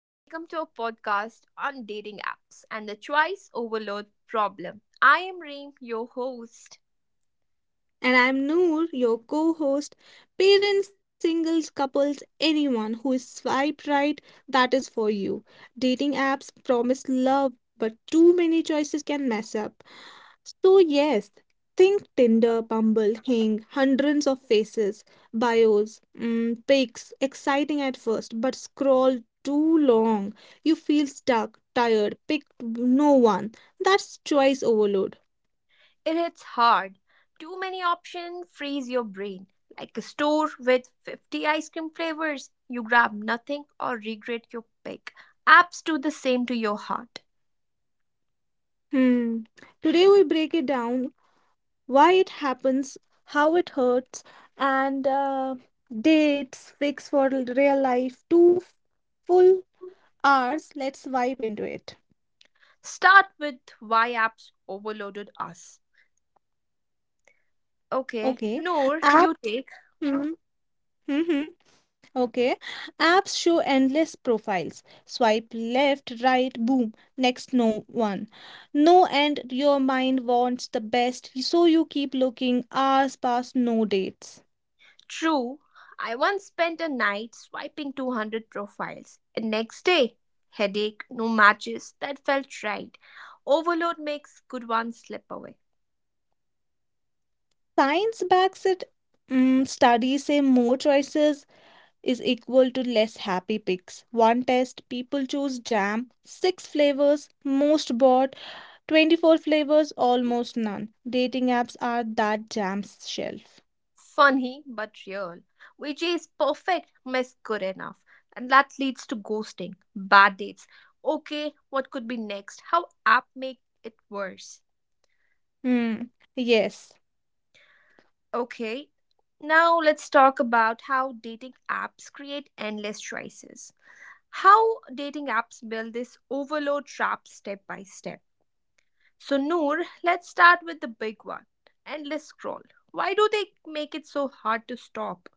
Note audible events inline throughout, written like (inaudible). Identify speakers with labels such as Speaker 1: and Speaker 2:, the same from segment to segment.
Speaker 1: welcome to a podcast on dating apps and the choice overload problem. I am Reem, your host.
Speaker 2: And I'm Noor, your co host. Parents, singles, couples, anyone who is swiped right, that is for you. Dating apps promise love, but too many choices can mess up. So, yes, think Tinder, Bumble, Hing, hundreds of faces, bios, pics, exciting at first, but scroll too long. You feel stuck, tired, picked no one. That's choice overload.
Speaker 1: It hits hard. Too many options freeze your brain. Like a store with 50 ice cream flavors, you grab nothing or regret your pick. Apps do the same to your heart.
Speaker 2: Hmm. Today we break it down, why it happens, how it hurts, and dates, fix for real life, full hours. Let's vibe into it.
Speaker 1: Start with why apps overloaded us. Okay.
Speaker 2: Okay.
Speaker 1: Noor,
Speaker 2: App.
Speaker 1: you take.
Speaker 2: Mm-hmm. Okay. Apps show endless profiles. Swipe left, right, boom. Next, no one. No end. Your mind wants the best, so you keep looking. Hours pass, no dates.
Speaker 1: True, I once spent a night swiping 200 profiles, and next day, headache, no matches, that felt right. Overload makes good ones slip away.
Speaker 2: Science backs it. Studies say more choices is equal to less happy picks. One test, people choose jam, six flavors, most bought, 24 flavors, almost none. Dating apps are that jam's shelf.
Speaker 1: Funny, but real. Which is perfect, miss good enough. And that leads to ghosting, bad dates. Okay, what could be next? How app make it worse?
Speaker 2: Hmm. Yes.
Speaker 1: Okay, now let's talk about how dating apps create endless choices. How dating apps build this overload trap step by step. So, Noor, let's start with the big one, endless scroll. Why do they make it so hard to stop?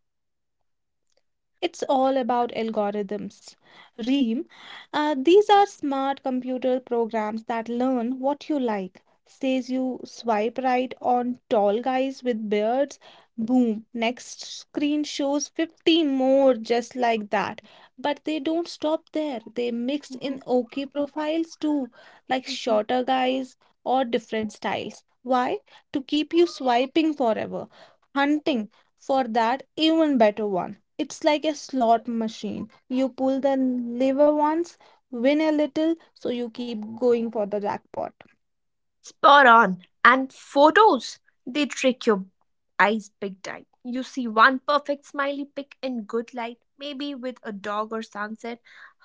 Speaker 2: It's all about algorithms. Reem, these are smart computer programs that learn what you like. Says you swipe right on tall guys with beards, boom, next screen shows 50 more just like that. But they don't stop there. They mix in OK profiles too, like shorter guys or different styles. Why? To keep you swiping forever, hunting for that even better one. It's like a slot machine. You pull the lever once, win a little, so you keep going for the jackpot.
Speaker 1: Spot on. And photos, they trick your eyes big time. You see one perfect smiley pic in good light, maybe with a dog or sunset,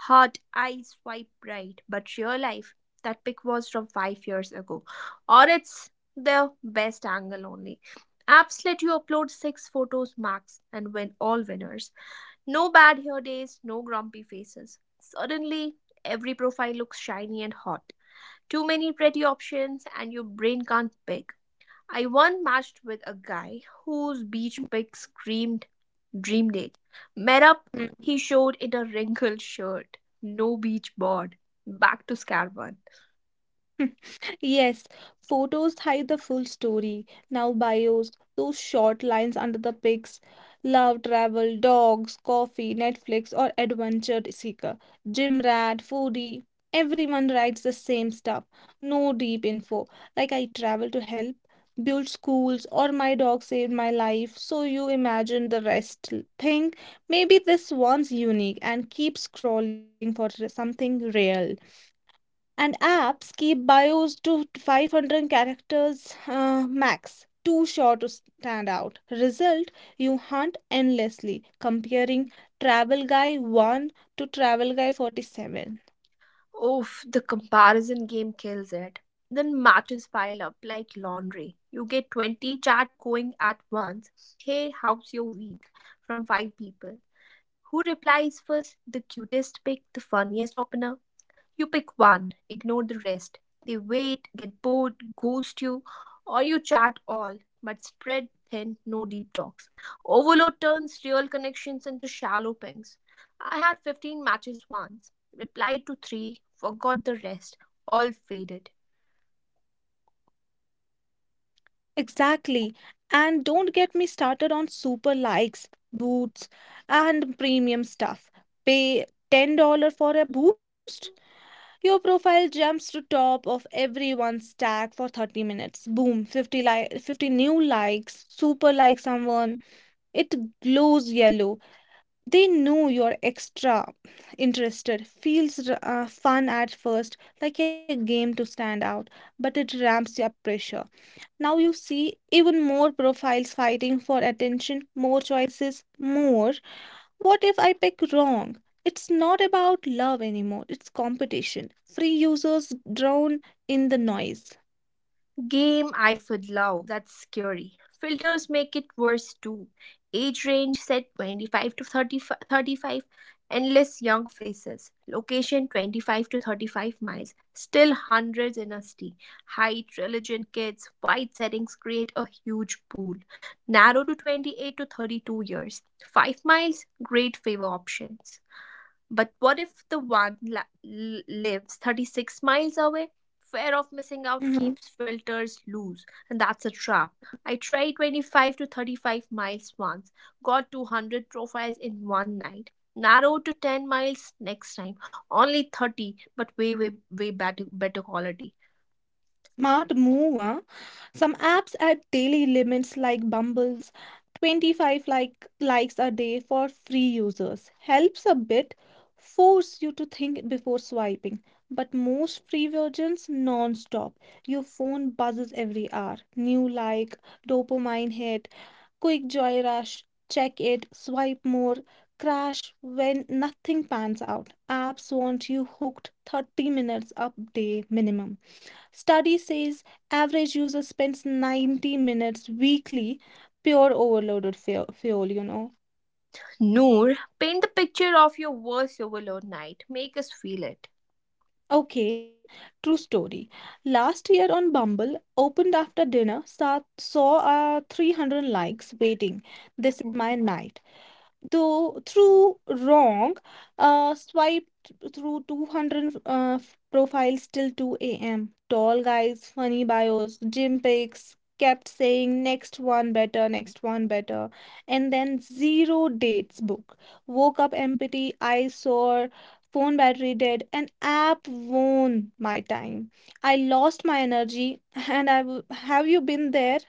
Speaker 1: hot eyes swipe right. But real life, that pic was from 5 years ago. Or it's the best angle only. Apps let you upload six photos max and win all winners. No bad hair days, no grumpy faces. Suddenly, every profile looks shiny and hot. Too many pretty options, and your brain can't pick. I once matched with a guy whose beach pic screamed dream date. Met up, he showed in a wrinkled shirt, no beach bod. Back to square one.
Speaker 2: (laughs) Yes, photos hide the full story. Now, bios, those short lines under the pics, love, travel, dogs, coffee, Netflix, or adventure seeker, gym rat, foodie. Everyone writes the same stuff. No deep info. Like, I travel to help, build schools, or my dog saved my life. So, you imagine the rest. Think maybe this one's unique and keep scrolling for something real. And apps keep bios to 500 characters max, too short to stand out. Result, you hunt endlessly, comparing travel guy 1 to travel guy 47.
Speaker 1: Oof, the comparison game kills it. Then matches pile up like laundry. You get 20 chat going at once. Hey, how's your week? From five people. Who replies first? The cutest pic, the funniest opener. You pick one, ignore the rest. They wait, get bored, ghost you, or you chat all, but spread thin, no deep talks. Overload turns real connections into shallow pings. I had 15 matches once, replied to three, forgot the rest, all faded.
Speaker 2: Exactly. And don't get me started on super likes, boots, and premium stuff. Pay $10 for a boost. Your profile jumps to top of everyone's stack for 30 minutes. Boom, 50 like, 50 new likes, super like someone. It glows yellow. They know you're extra interested. Feels fun at first, like a game to stand out, but it ramps up pressure. Now you see even more profiles fighting for attention, more choices, more. What if I pick wrong? It's not about love anymore, it's competition. Free users drown in the noise.
Speaker 1: Game I would love. That's scary. Filters make it worse too. Age range set 25 to thirty, thirty-five. Endless young faces. Location 25 to 35 miles. Still hundreds in a city. Height, religion, kids. Wide settings create a huge pool. Narrow to 28 to 32 years. 5 miles. Great favor options. But what if the one lives 36 miles away? Fear of missing out
Speaker 2: Mhm.
Speaker 1: keeps filters loose, and that's a trap. I tried 25 to 35 miles once, got 200 profiles in one night. Narrowed to 10 miles next time, only 30, but way, way, way better, better quality.
Speaker 2: Smart move, huh? Some apps add daily limits like Bumble's 25 likes a day for free users. Helps a bit, force you to think before swiping. But most free versions non-stop. Your phone buzzes every hour. New like, dopamine hit, quick joy rush, check it, swipe more, crash when nothing pans out. Apps want you hooked 30 minutes a day minimum. Study says average user spends 90 minutes weekly, pure overloaded fuel, you know.
Speaker 1: Noor, paint the picture of your worst overload night. Make us feel it.
Speaker 2: Okay, true story. Last year on Bumble, opened after dinner, saw 300 likes waiting. This is
Speaker 1: Mhm.
Speaker 2: my night. Though through wrong swiped through 200 profiles till 2 a.m., tall guys, funny bios, gym pics, kept saying next one better, next one better, and then zero dates book. Woke up empty, I sore, phone battery dead, and app won my time. I lost my energy. And have you been there?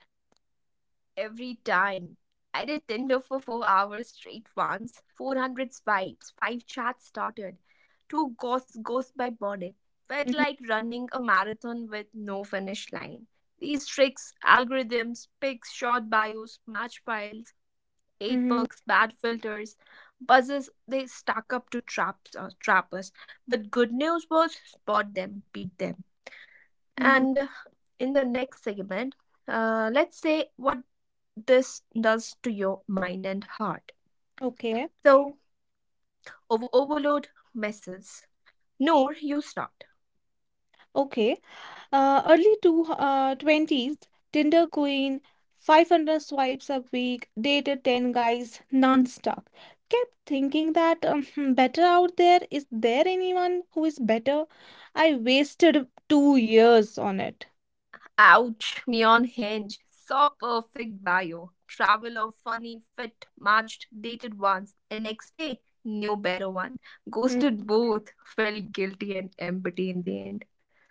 Speaker 1: Every time. I did Tinder for 4 hours straight once, 400 swipes, five chats started, two ghosts by morning. Felt
Speaker 2: Mm-hmm,
Speaker 1: like running a marathon with no finish line. These tricks, algorithms, pics, short bios, match piles, paid
Speaker 2: mm-hmm,
Speaker 1: perks, bad filters, buzzes, they stack up to traps or trappers. But good news was spot them, beat them.
Speaker 2: mm-hmm.
Speaker 1: And In the next segment, let's say what this does to your mind and heart.
Speaker 2: Okay.
Speaker 1: So, overload messes. Noor, you start.
Speaker 2: Okay. Early 20s, Tinder queen, 500 swipes a week, dated 10 guys non-stop. Kept thinking that better out there. Is there anyone who is better? I wasted 2 years on it.
Speaker 1: Ouch, me on Hinge. Saw perfect bio. Travel of funny, fit, matched, dated once, and next day, new better one. Ghosted
Speaker 2: Mm.
Speaker 1: both, felt guilty and empty in the end.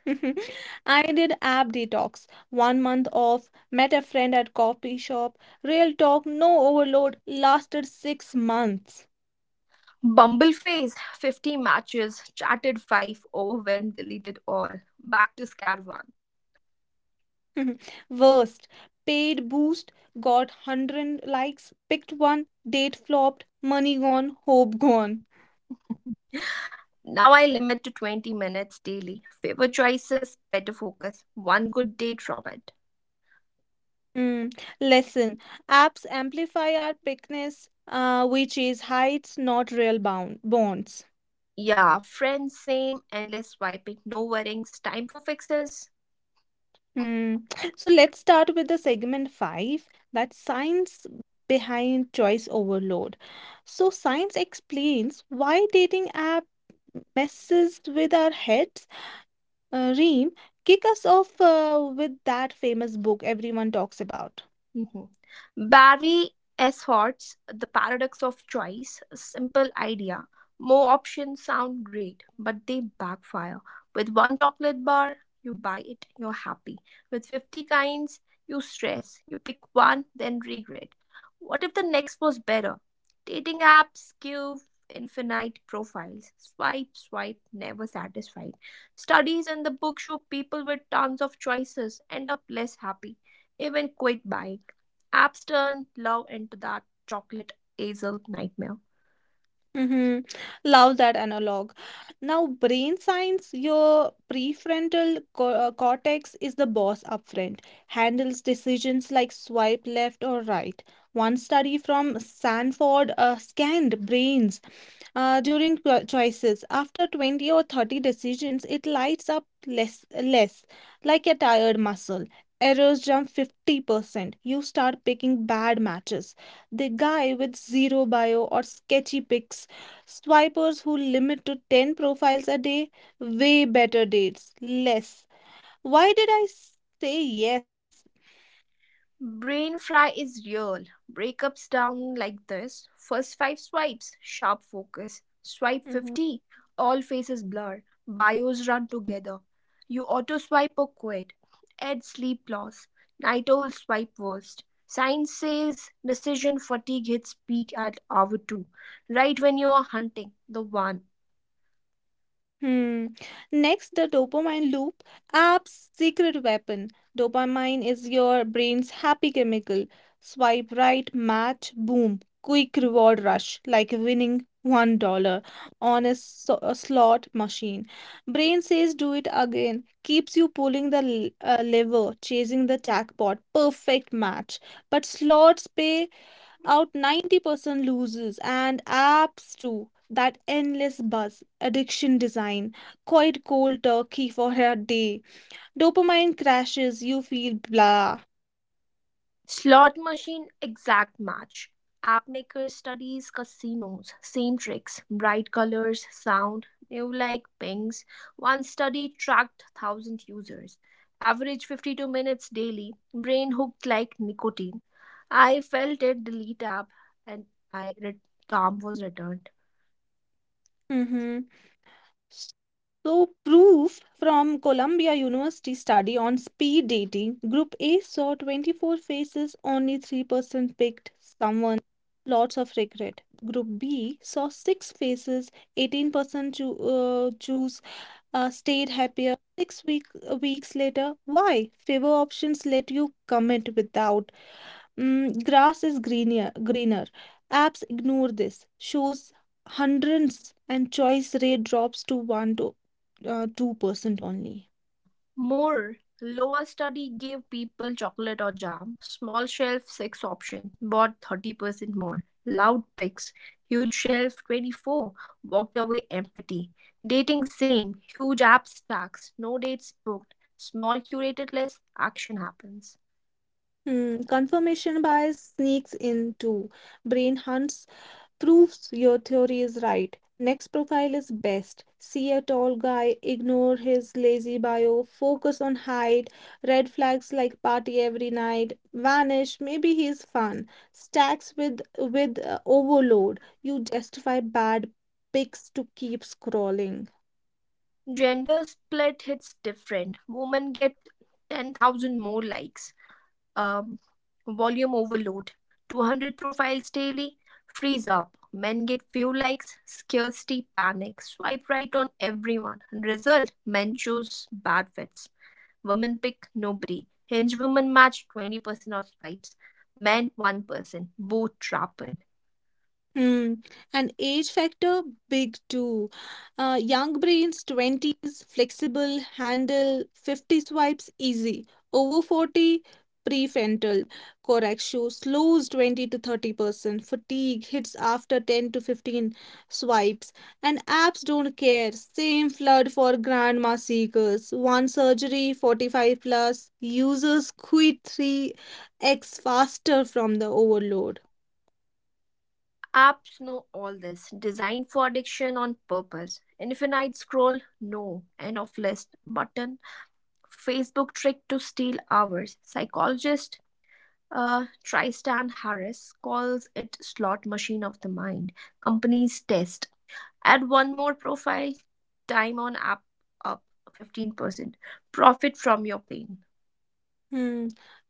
Speaker 2: (laughs) I did app detox, 1 month off, met a friend at coffee shop, real talk, no overload, lasted 6 months.
Speaker 1: Bumble phase, 50 matches, chatted 5, overwhelmed, deleted all. Back to square one.
Speaker 2: (laughs) Worst. Paid boost, got 100 likes, picked one, date flopped, money gone, hope gone.
Speaker 1: (laughs) Now I limit to 20 minutes daily. Favor choices, better focus, one good date from it.
Speaker 2: Mm. Lesson. Apps amplify our pickness, which is heights, not real bound bonds.
Speaker 1: Yeah, friends, same, endless swiping, no worries, time for fixes.
Speaker 2: Mm. So let's start with the segment five, that science behind choice overload. So science explains why dating app messes with our heads. Reem, kick us off with that famous book everyone talks about.
Speaker 1: Mhm. Barry S. Hart's The Paradox of Choice, a simple idea. More options sound great, but they backfire. With one chocolate bar, you buy it, you're happy. With 50 kinds, you stress. You pick one, then regret. What if the next was better? Dating apps give infinite profiles. Swipe, swipe, never satisfied. Studies in the book show people with tons of choices end up less happy, even quit buying. Apps turn love into that chocolate hazel nightmare.
Speaker 2: Mm-hmm. Love that analog. Now, brain science, your prefrontal co cortex is the boss up front, handles decisions like swipe left or right. One study from Stanford scanned brains during choices. After 20 or 30 decisions, it lights up less, like a tired muscle. Errors jump 50%. You start picking bad matches. The guy with zero bio or sketchy picks, swipers who limit to 10 profiles a day, way better dates, less. Why did I say yes?
Speaker 1: Brain fry is real. Breakups down like this. First five swipes, sharp focus. Swipe
Speaker 2: Mm-hmm.
Speaker 1: 50, all faces blur. Bios run together. You auto swipe or quit. Add sleep loss. Night owl swipe worst. Science says decision fatigue hits peak at hour 2, right when you are hunting the one.
Speaker 2: Hmm. Next, the dopamine loop, app's secret weapon. Dopamine is your brain's happy chemical. Swipe right, match, boom. Quick reward rush, like winning $1 on a slot machine. Brain says, do it again. Keeps you pulling the lever, chasing the jackpot. Perfect match. But slots pay out 90% losers, and apps too. That endless buzz, addiction design, quite cold turkey for a day. Dopamine crashes, you feel blah.
Speaker 1: Slot machine exact match. App maker studies casinos. Same tricks, bright colors, sound, new like pings. One study tracked 1,000 users. Average 52 minutes daily. Brain hooked like nicotine. I felt it delete app and I re- calm was returned.
Speaker 2: Hmm. So, proof from Columbia University study on speed dating, group A saw 24 faces, only 3% picked someone. Lots of regret. Group B saw 6 faces, 18% choose stayed happier. Six weeks later, why? Favor options let you comment without. Grass is greener. Apps ignore this. Shows hundreds and choice rate drops to 1 to 2% only.
Speaker 1: More. Lower study gave people chocolate or jam. Small shelf, six options. Bought 30% more. Loud picks. Huge shelf, 24. Walked away empty. Dating same. Huge app stacks. No dates booked. Small curated list. Action happens.
Speaker 2: Hmm, confirmation bias sneaks in too. Brain hunts, proves your theory is right. Next profile is best. See a tall guy, ignore his lazy bio, focus on height, red flags like party every night, vanish, maybe he's fun. Stacks with overload. You justify bad pics to keep scrolling.
Speaker 1: Gender split hits different. Women get 10,000 more likes. um, Volume overload. 200 profiles daily freeze up. Men get few likes, scarcity panic, swipe right on everyone. Result men choose bad fits. Women pick nobody. Hinge women match 20% of swipes, men 1%. Both trapped.
Speaker 2: Hmm. And age factor big too. Young brains 20s flexible handle 50 swipes easy. Over 40 prefrontal cortex show slows 20 to 30%. Fatigue hits after 10 to 15 swipes. And apps don't care. Same flood for grandma seekers. One surgery 45 plus users quit 3x faster from the overload.
Speaker 1: Apps know all this, designed for addiction on purpose. Infinite scroll, no. End of list button. Facebook trick to steal hours. Psychologist Tristan Harris calls it slot machine of the mind. Companies test. Add one more profile, time on app up 15%. Profit from your pain.
Speaker 2: Hmm,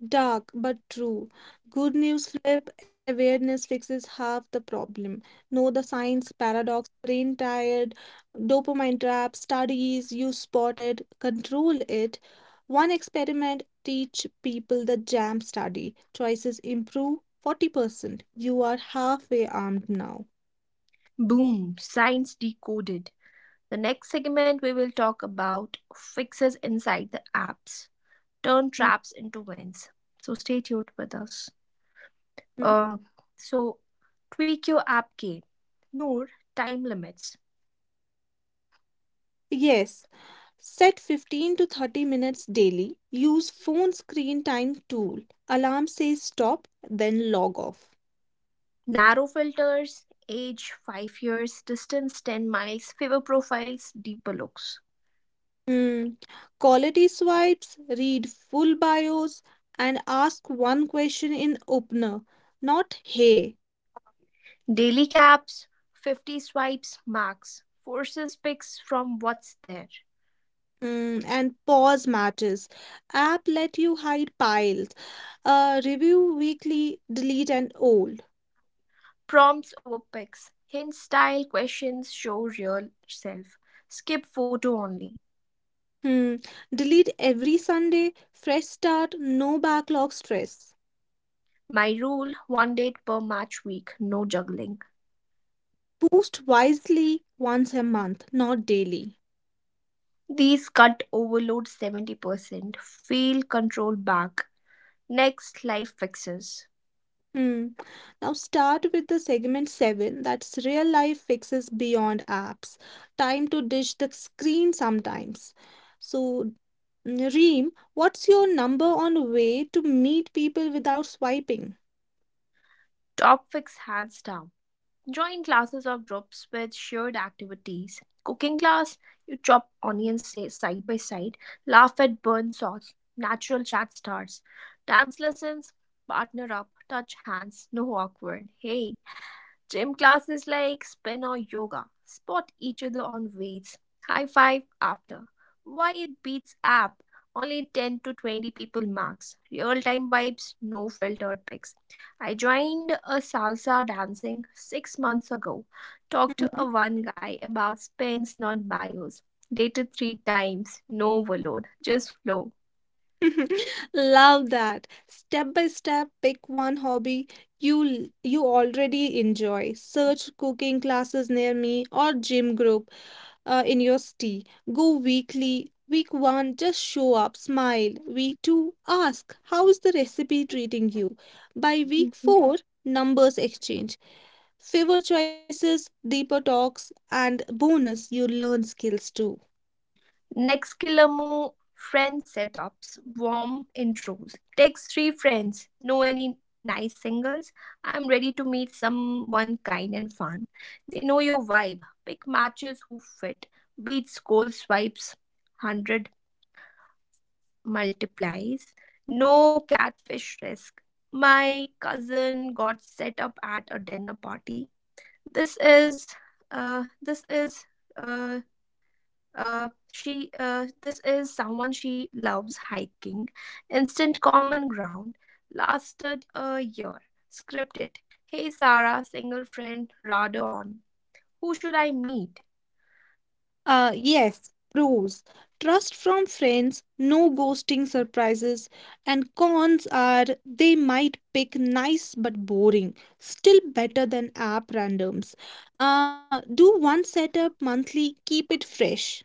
Speaker 2: dark but true. Good news, flip awareness, fixes half the problem. Know the science paradox, brain tired, dopamine trap, studies, you spotted, control it. One experiment teach people the jam study. Choices improve 40%. You are halfway armed now.
Speaker 1: Boom, science decoded. The next segment we will talk about fixes inside the apps. Turn
Speaker 2: Hmm,
Speaker 1: traps into wins. So stay tuned with us.
Speaker 2: hmm.
Speaker 1: Uh, so tweak your app game. Noor, time limits.
Speaker 2: Yes, set 15 to 30 minutes daily. Use phone screen time tool. Alarm says stop, then log off.
Speaker 1: Narrow filters, age 5 years, distance 10 miles, favor profiles, deeper looks.
Speaker 2: Hmm. Quality swipes, read full bios, and ask one question in opener, not hey.
Speaker 1: Daily caps, 50 swipes max, forces picks from what's there.
Speaker 2: Hmm. And pause matters. App let you hide piles. Review weekly, delete and old.
Speaker 1: Prompts over pics, hint style questions show real self. Skip photo only.
Speaker 2: Hmm. Delete every Sunday, fresh start, no backlog stress.
Speaker 1: My rule one date per match week, no juggling.
Speaker 2: Post wisely once a month, not daily.
Speaker 1: These cut overload 70%, feel control back. Next, life fixes.
Speaker 2: Hmm. Now start with the segment 7, that's real life fixes beyond apps. Time to dish the screen sometimes. So, Reem, what's your number on way to meet people without swiping?
Speaker 1: Top fix hands down. Join classes or groups with shared activities. Cooking class, you chop onions side by side, laugh at burnt sauce, natural chat starts. Dance lessons, partner up, touch hands, no awkward. Hey, gym classes like spin or yoga spot each other on weights, high five after. Why it beats app, only 10 to 20 people max. Real time vibes, no filtered pics. I joined a salsa dancing 6 months ago. Talked to
Speaker 2: Hmm.
Speaker 1: a one guy about spins, not bios. Dated three times, no overload, just flow.
Speaker 2: (laughs) Love that. Step by step, pick one hobby you already enjoy. Search cooking classes near me or gym group in your city. Go weekly. Week 1, just show up, smile. Week 2, ask, how is the recipe treating you? By week
Speaker 1: Mhm.
Speaker 2: 4, numbers exchange. Favor choices, deeper talks, and bonus, you learn skills too.
Speaker 1: Next Kilamu friend setups, warm intros. Text three friends. Know any nice singles? I'm ready to meet someone kind and fun. They know your vibe. Pick matches who fit. Beats, goal swipes, 100 multiplies. No catfish risk. My cousin got set up at a dinner party. This is, this is, uh, she, this is someone she loves hiking. Instant common ground. Lasted a year. Scripted. Hey Sarah, single friend, Rado on. Who should I meet?
Speaker 2: Yes, pros. Trust from friends, no ghosting surprises, and cons are they might pick nice but boring, still better than app randoms. Do one setup monthly, keep it fresh.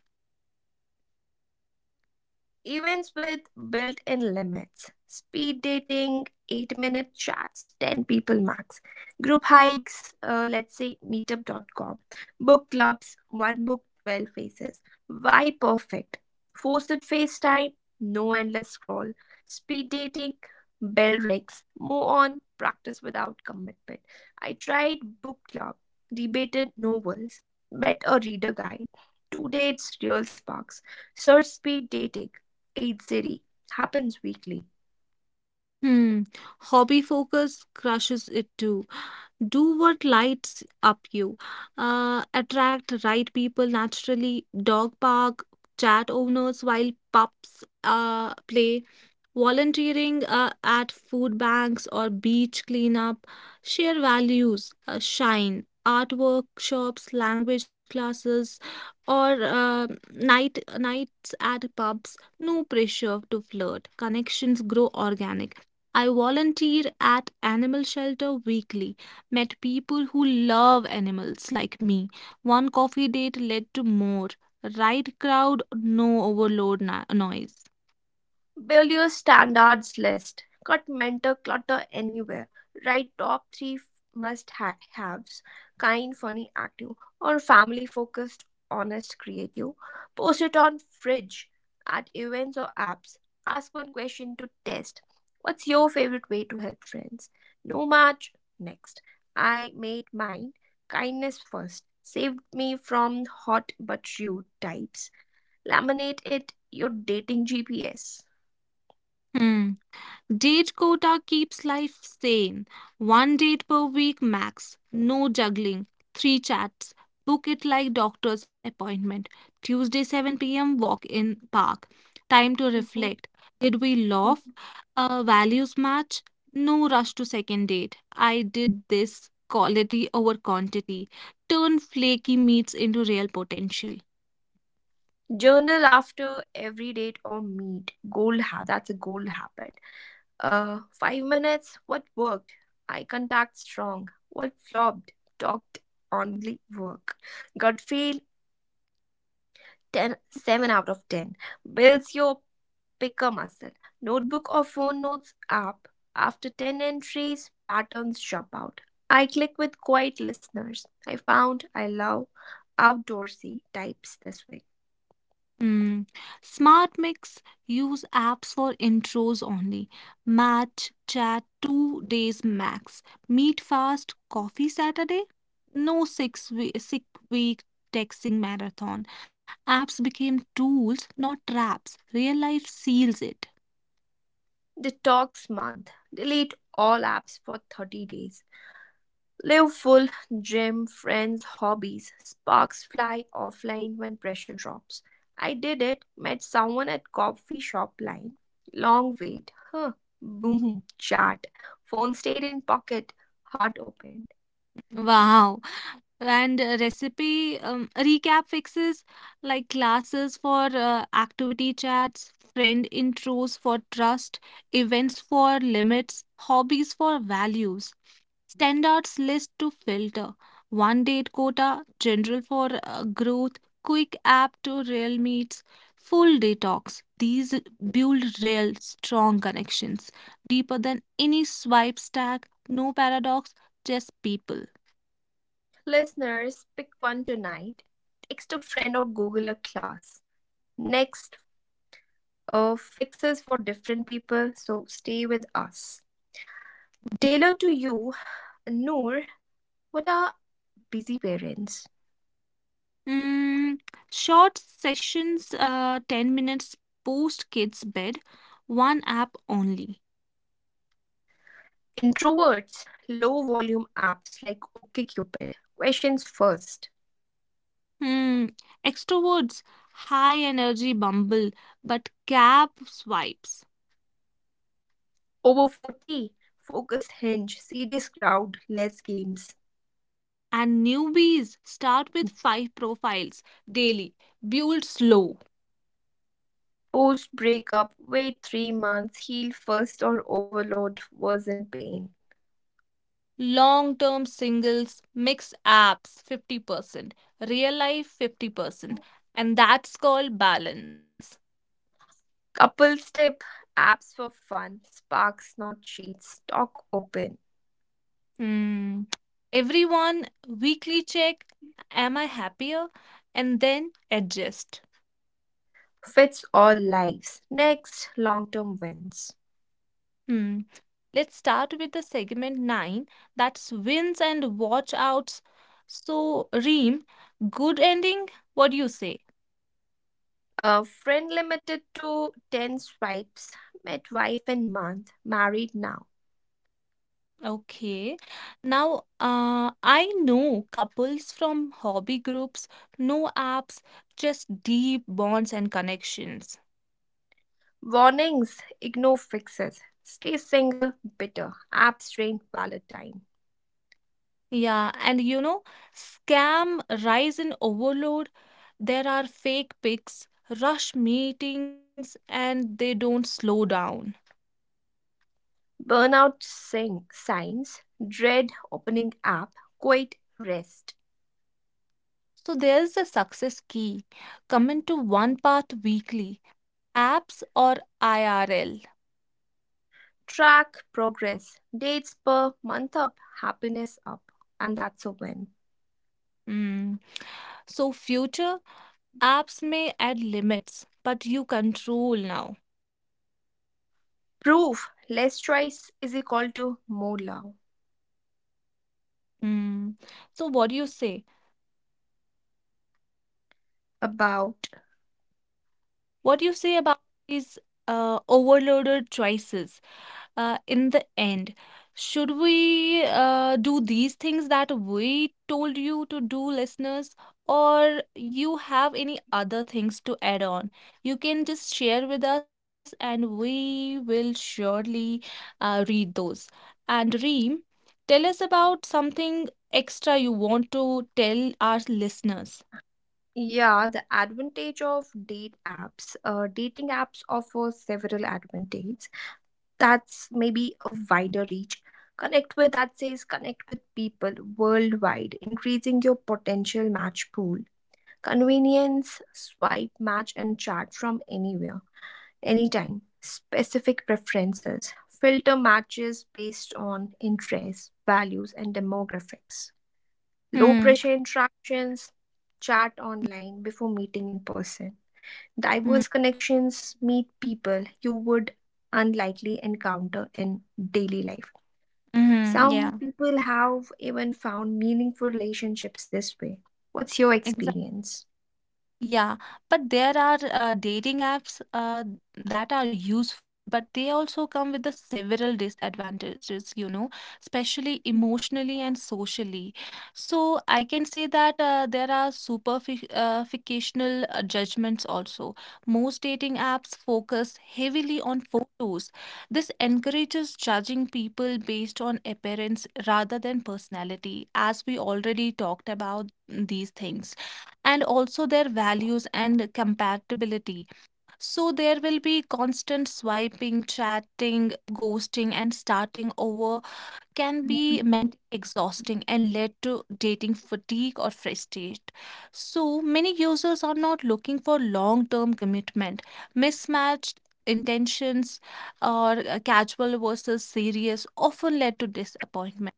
Speaker 1: Events with built in limits speed dating, 8-minute chats, 10 people max, group hikes, let's say meetup.com, book clubs, one book, 12 faces. Why perfect? Forced FaceTime, no endless scroll, speed dating, bell rings, move on, practice without commitment. I tried book club, debated novels, met a reader guy. Two dates, real sparks. Search speed dating. 80 happens weekly.
Speaker 2: Hmm. Hobby focus crushes it too. Do what lights up you. Attract right people naturally. Dog park, chat owners while pups play. Volunteering at food banks or beach cleanup, share values, shine, art workshops, language classes, or nights at pubs. No pressure to flirt. Connections grow organic. I volunteer at animal shelter weekly. Met people who love animals like me. One coffee date led to more. Right crowd, no overload noise.
Speaker 1: Build your standards list. Cut mentor clutter anywhere. Write top three must haves kind, funny, active, or family focused, honest, creative. Post it on fridge, at events or apps. Ask one question to test. What's your favorite way to help friends? No match. Next. I made mine. Kindness first. Saved me from hot but rude types. Laminate it your dating GPS.
Speaker 2: Hmm. Date quota keeps life sane. One date per week max. No juggling. Three chats. Book it like doctor's appointment. Tuesday 7 p.m. walk in park. Time to
Speaker 1: Mhm,
Speaker 2: reflect. Did we love?
Speaker 1: mhm.
Speaker 2: Values match? No rush to second date. I did this quality over quantity. Turn flaky meats into real potential.
Speaker 1: Journal after every date or meet. That's a goal habit. 5 minutes. What worked? Eye contact strong. What flopped? Talked only work. Gut feel 10, 7 out of 10. Builds your picker muscle. Notebook or phone notes app. After 10 entries, patterns jump out. I click with quiet listeners. I found I love outdoorsy types this way.
Speaker 2: Hmm. Smart Mix, use apps for intros only. Match chat 2 days max. Meet fast coffee Saturday. No 6 weeks texting marathon. Apps became tools, not traps. Real life seals it.
Speaker 1: Detox month. Delete all apps for 30 days. Live full, gym, friends, hobbies. Sparks fly offline when pressure drops. I did it, met someone at coffee shop line. Long wait. Huh. Boom. Chat. Phone stayed in pocket. Heart opened.
Speaker 2: Wow. And recipe recap fixes like classes for activity chats, friend intros for trust, events for limits, hobbies for values, standards list to filter, one date quota, general for growth, quick app to real meets, full detox, these build real strong connections, deeper than any swipe stack. No paradox, just people.
Speaker 1: Listeners, pick one tonight. Text a friend or Google a class. Next, fixes for different people, so stay with us. Tailor to you, Noor, what are busy parents?
Speaker 2: Mm, short sessions, 10 minutes post kids' bed, one app only.
Speaker 1: Introverts, low volume apps like OkCupid, questions first.
Speaker 2: Hmm. Extroverts, high energy bumble, but cap swipes.
Speaker 1: Over 40, focus hinge, serious crowd, less games.
Speaker 2: And newbies start with five profiles daily. Build slow.
Speaker 1: Post breakup, wait 3 months, heal first or overload, worsen pain.
Speaker 2: Long term singles, mix apps 50%, real life 50%. And that's called balance.
Speaker 1: Couples tip, apps for fun, sparks not cheats, talk open.
Speaker 2: Hmm. Everyone weekly check, am I happier, and then adjust.
Speaker 1: Fits all lives. Next, long term wins.
Speaker 2: Hmm. Let's start with the segment 9, that's wins and watch outs. So Reem, good ending, what do you say?
Speaker 1: A friend limited to 10 swipes, met wife in month, married now.
Speaker 2: Okay. Now I know couples from hobby groups, no apps, just deep bonds and connections.
Speaker 1: Warnings: Ignore fixes. Stay single, bitter, abstain, Valentine.
Speaker 2: Yeah, and you know, scam rise in overload. There are fake pics, rush meetings, and they don't slow down.
Speaker 1: Burnout signs: dread opening app, quit, rest.
Speaker 2: So there's a success key. Commit to one path weekly, apps or IRL.
Speaker 1: Track progress, dates per month up, happiness up, and that's a win.
Speaker 2: Hmm. So future apps may add limits, but you control now.
Speaker 1: Proof: less choice is equal to more love.
Speaker 2: Hmm. So what do you say?
Speaker 1: About
Speaker 2: What do you say about these overloaded choices? In the end, should we do these things that we told you to do, listeners, or you have any other things to add on? You can just share with us and we will surely read those. And Reem, tell us about something extra you want to tell our listeners.
Speaker 1: Yeah, the advantage of date apps. Dating apps offer several advantages. That's maybe a wider reach. Connect with that says connect with people worldwide, increasing your potential match pool. Convenience, swipe, match, and chat from anywhere, anytime. Specific preferences, filter matches based on interests, values, and demographics low
Speaker 2: Hmm.
Speaker 1: pressure interactions, chat online before meeting in person. Diverse connections meet people you would unlikely encounter in daily life.
Speaker 2: Mm-hmm.
Speaker 1: Some
Speaker 2: Yeah.
Speaker 1: people have even found meaningful relationships this way. What's your
Speaker 2: Exactly.
Speaker 1: experience?
Speaker 2: Yeah, but there are dating apps that are useful, but they also come with the several disadvantages, you know, especially
Speaker 1: Mhm.
Speaker 2: emotionally and socially. So I can say that there are superficial judgments also. Most dating apps focus heavily on photos. This encourages judging people based on appearance rather than personality, as we already talked about these things and also their values and compatibility. So there will be constant swiping, chatting, ghosting, and starting over can be
Speaker 1: Mhm.
Speaker 2: mentally exhausting and led to dating fatigue or frustration. So many users are not looking for long term commitment. Mismatched intentions or casual versus serious often led to disappointment.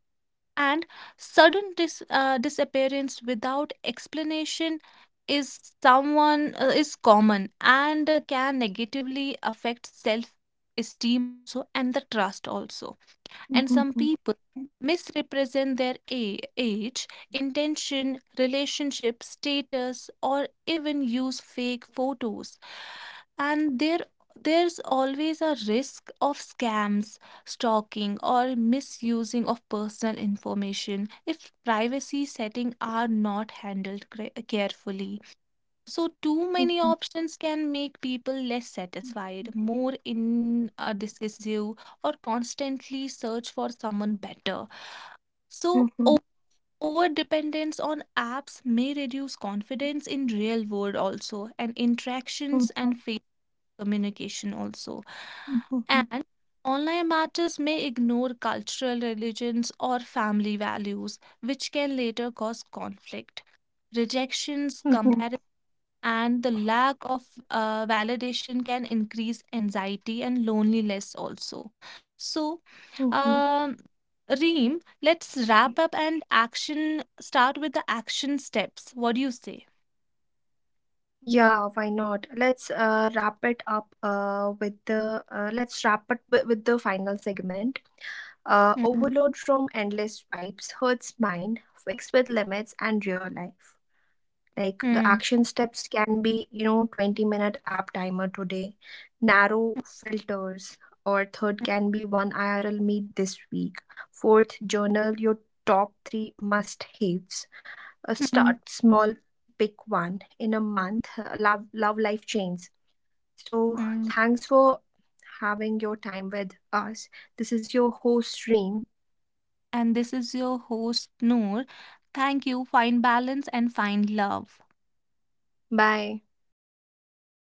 Speaker 2: And sudden disappearance without explanation is someone is common, and can negatively affect self esteem also and the trust also. And
Speaker 1: Mhm.
Speaker 2: some
Speaker 1: Mhm.
Speaker 2: people misrepresent their age, intention, relationship, status, or even use fake photos. And there's always a risk of scams, stalking, or misusing of personal information if privacy settings are not handled carefully. So, too many
Speaker 1: Mhm.
Speaker 2: options can make people less satisfied, more in a decisive, or constantly search for someone better. So,
Speaker 1: Mhm.
Speaker 2: over dependence on apps may reduce confidence in real world also, and interactions and face communication also.
Speaker 1: Mhm.
Speaker 2: And online matters may ignore cultural religions or family values, which can later cause conflict. Rejections,
Speaker 1: Mhm.
Speaker 2: and the lack of validation can increase anxiety and loneliness also. So
Speaker 1: Hmm.
Speaker 2: um, Reem, let's wrap up and action, start with the action steps. What do you say?
Speaker 1: Yeah, why not? Let's wrap it up with the let's wrap it wi- with the final segment.
Speaker 2: Mm,
Speaker 1: Overload from endless pipes hurts mind. Fix with limits and real life. Like the
Speaker 2: mm,
Speaker 1: action steps can be, you know, 20-minute app timer today, narrow filters, or third can be one IRL meet this week. Fourth, journal your top three must haves.
Speaker 2: mm,
Speaker 1: Start small, pick one in a month, love life change, so
Speaker 2: mm.
Speaker 1: thanks for having your time with us. This is your host Reem.
Speaker 2: And this is your host Noor. Thank you, find balance and find love.
Speaker 1: Bye.
Speaker 2: Bye. Bye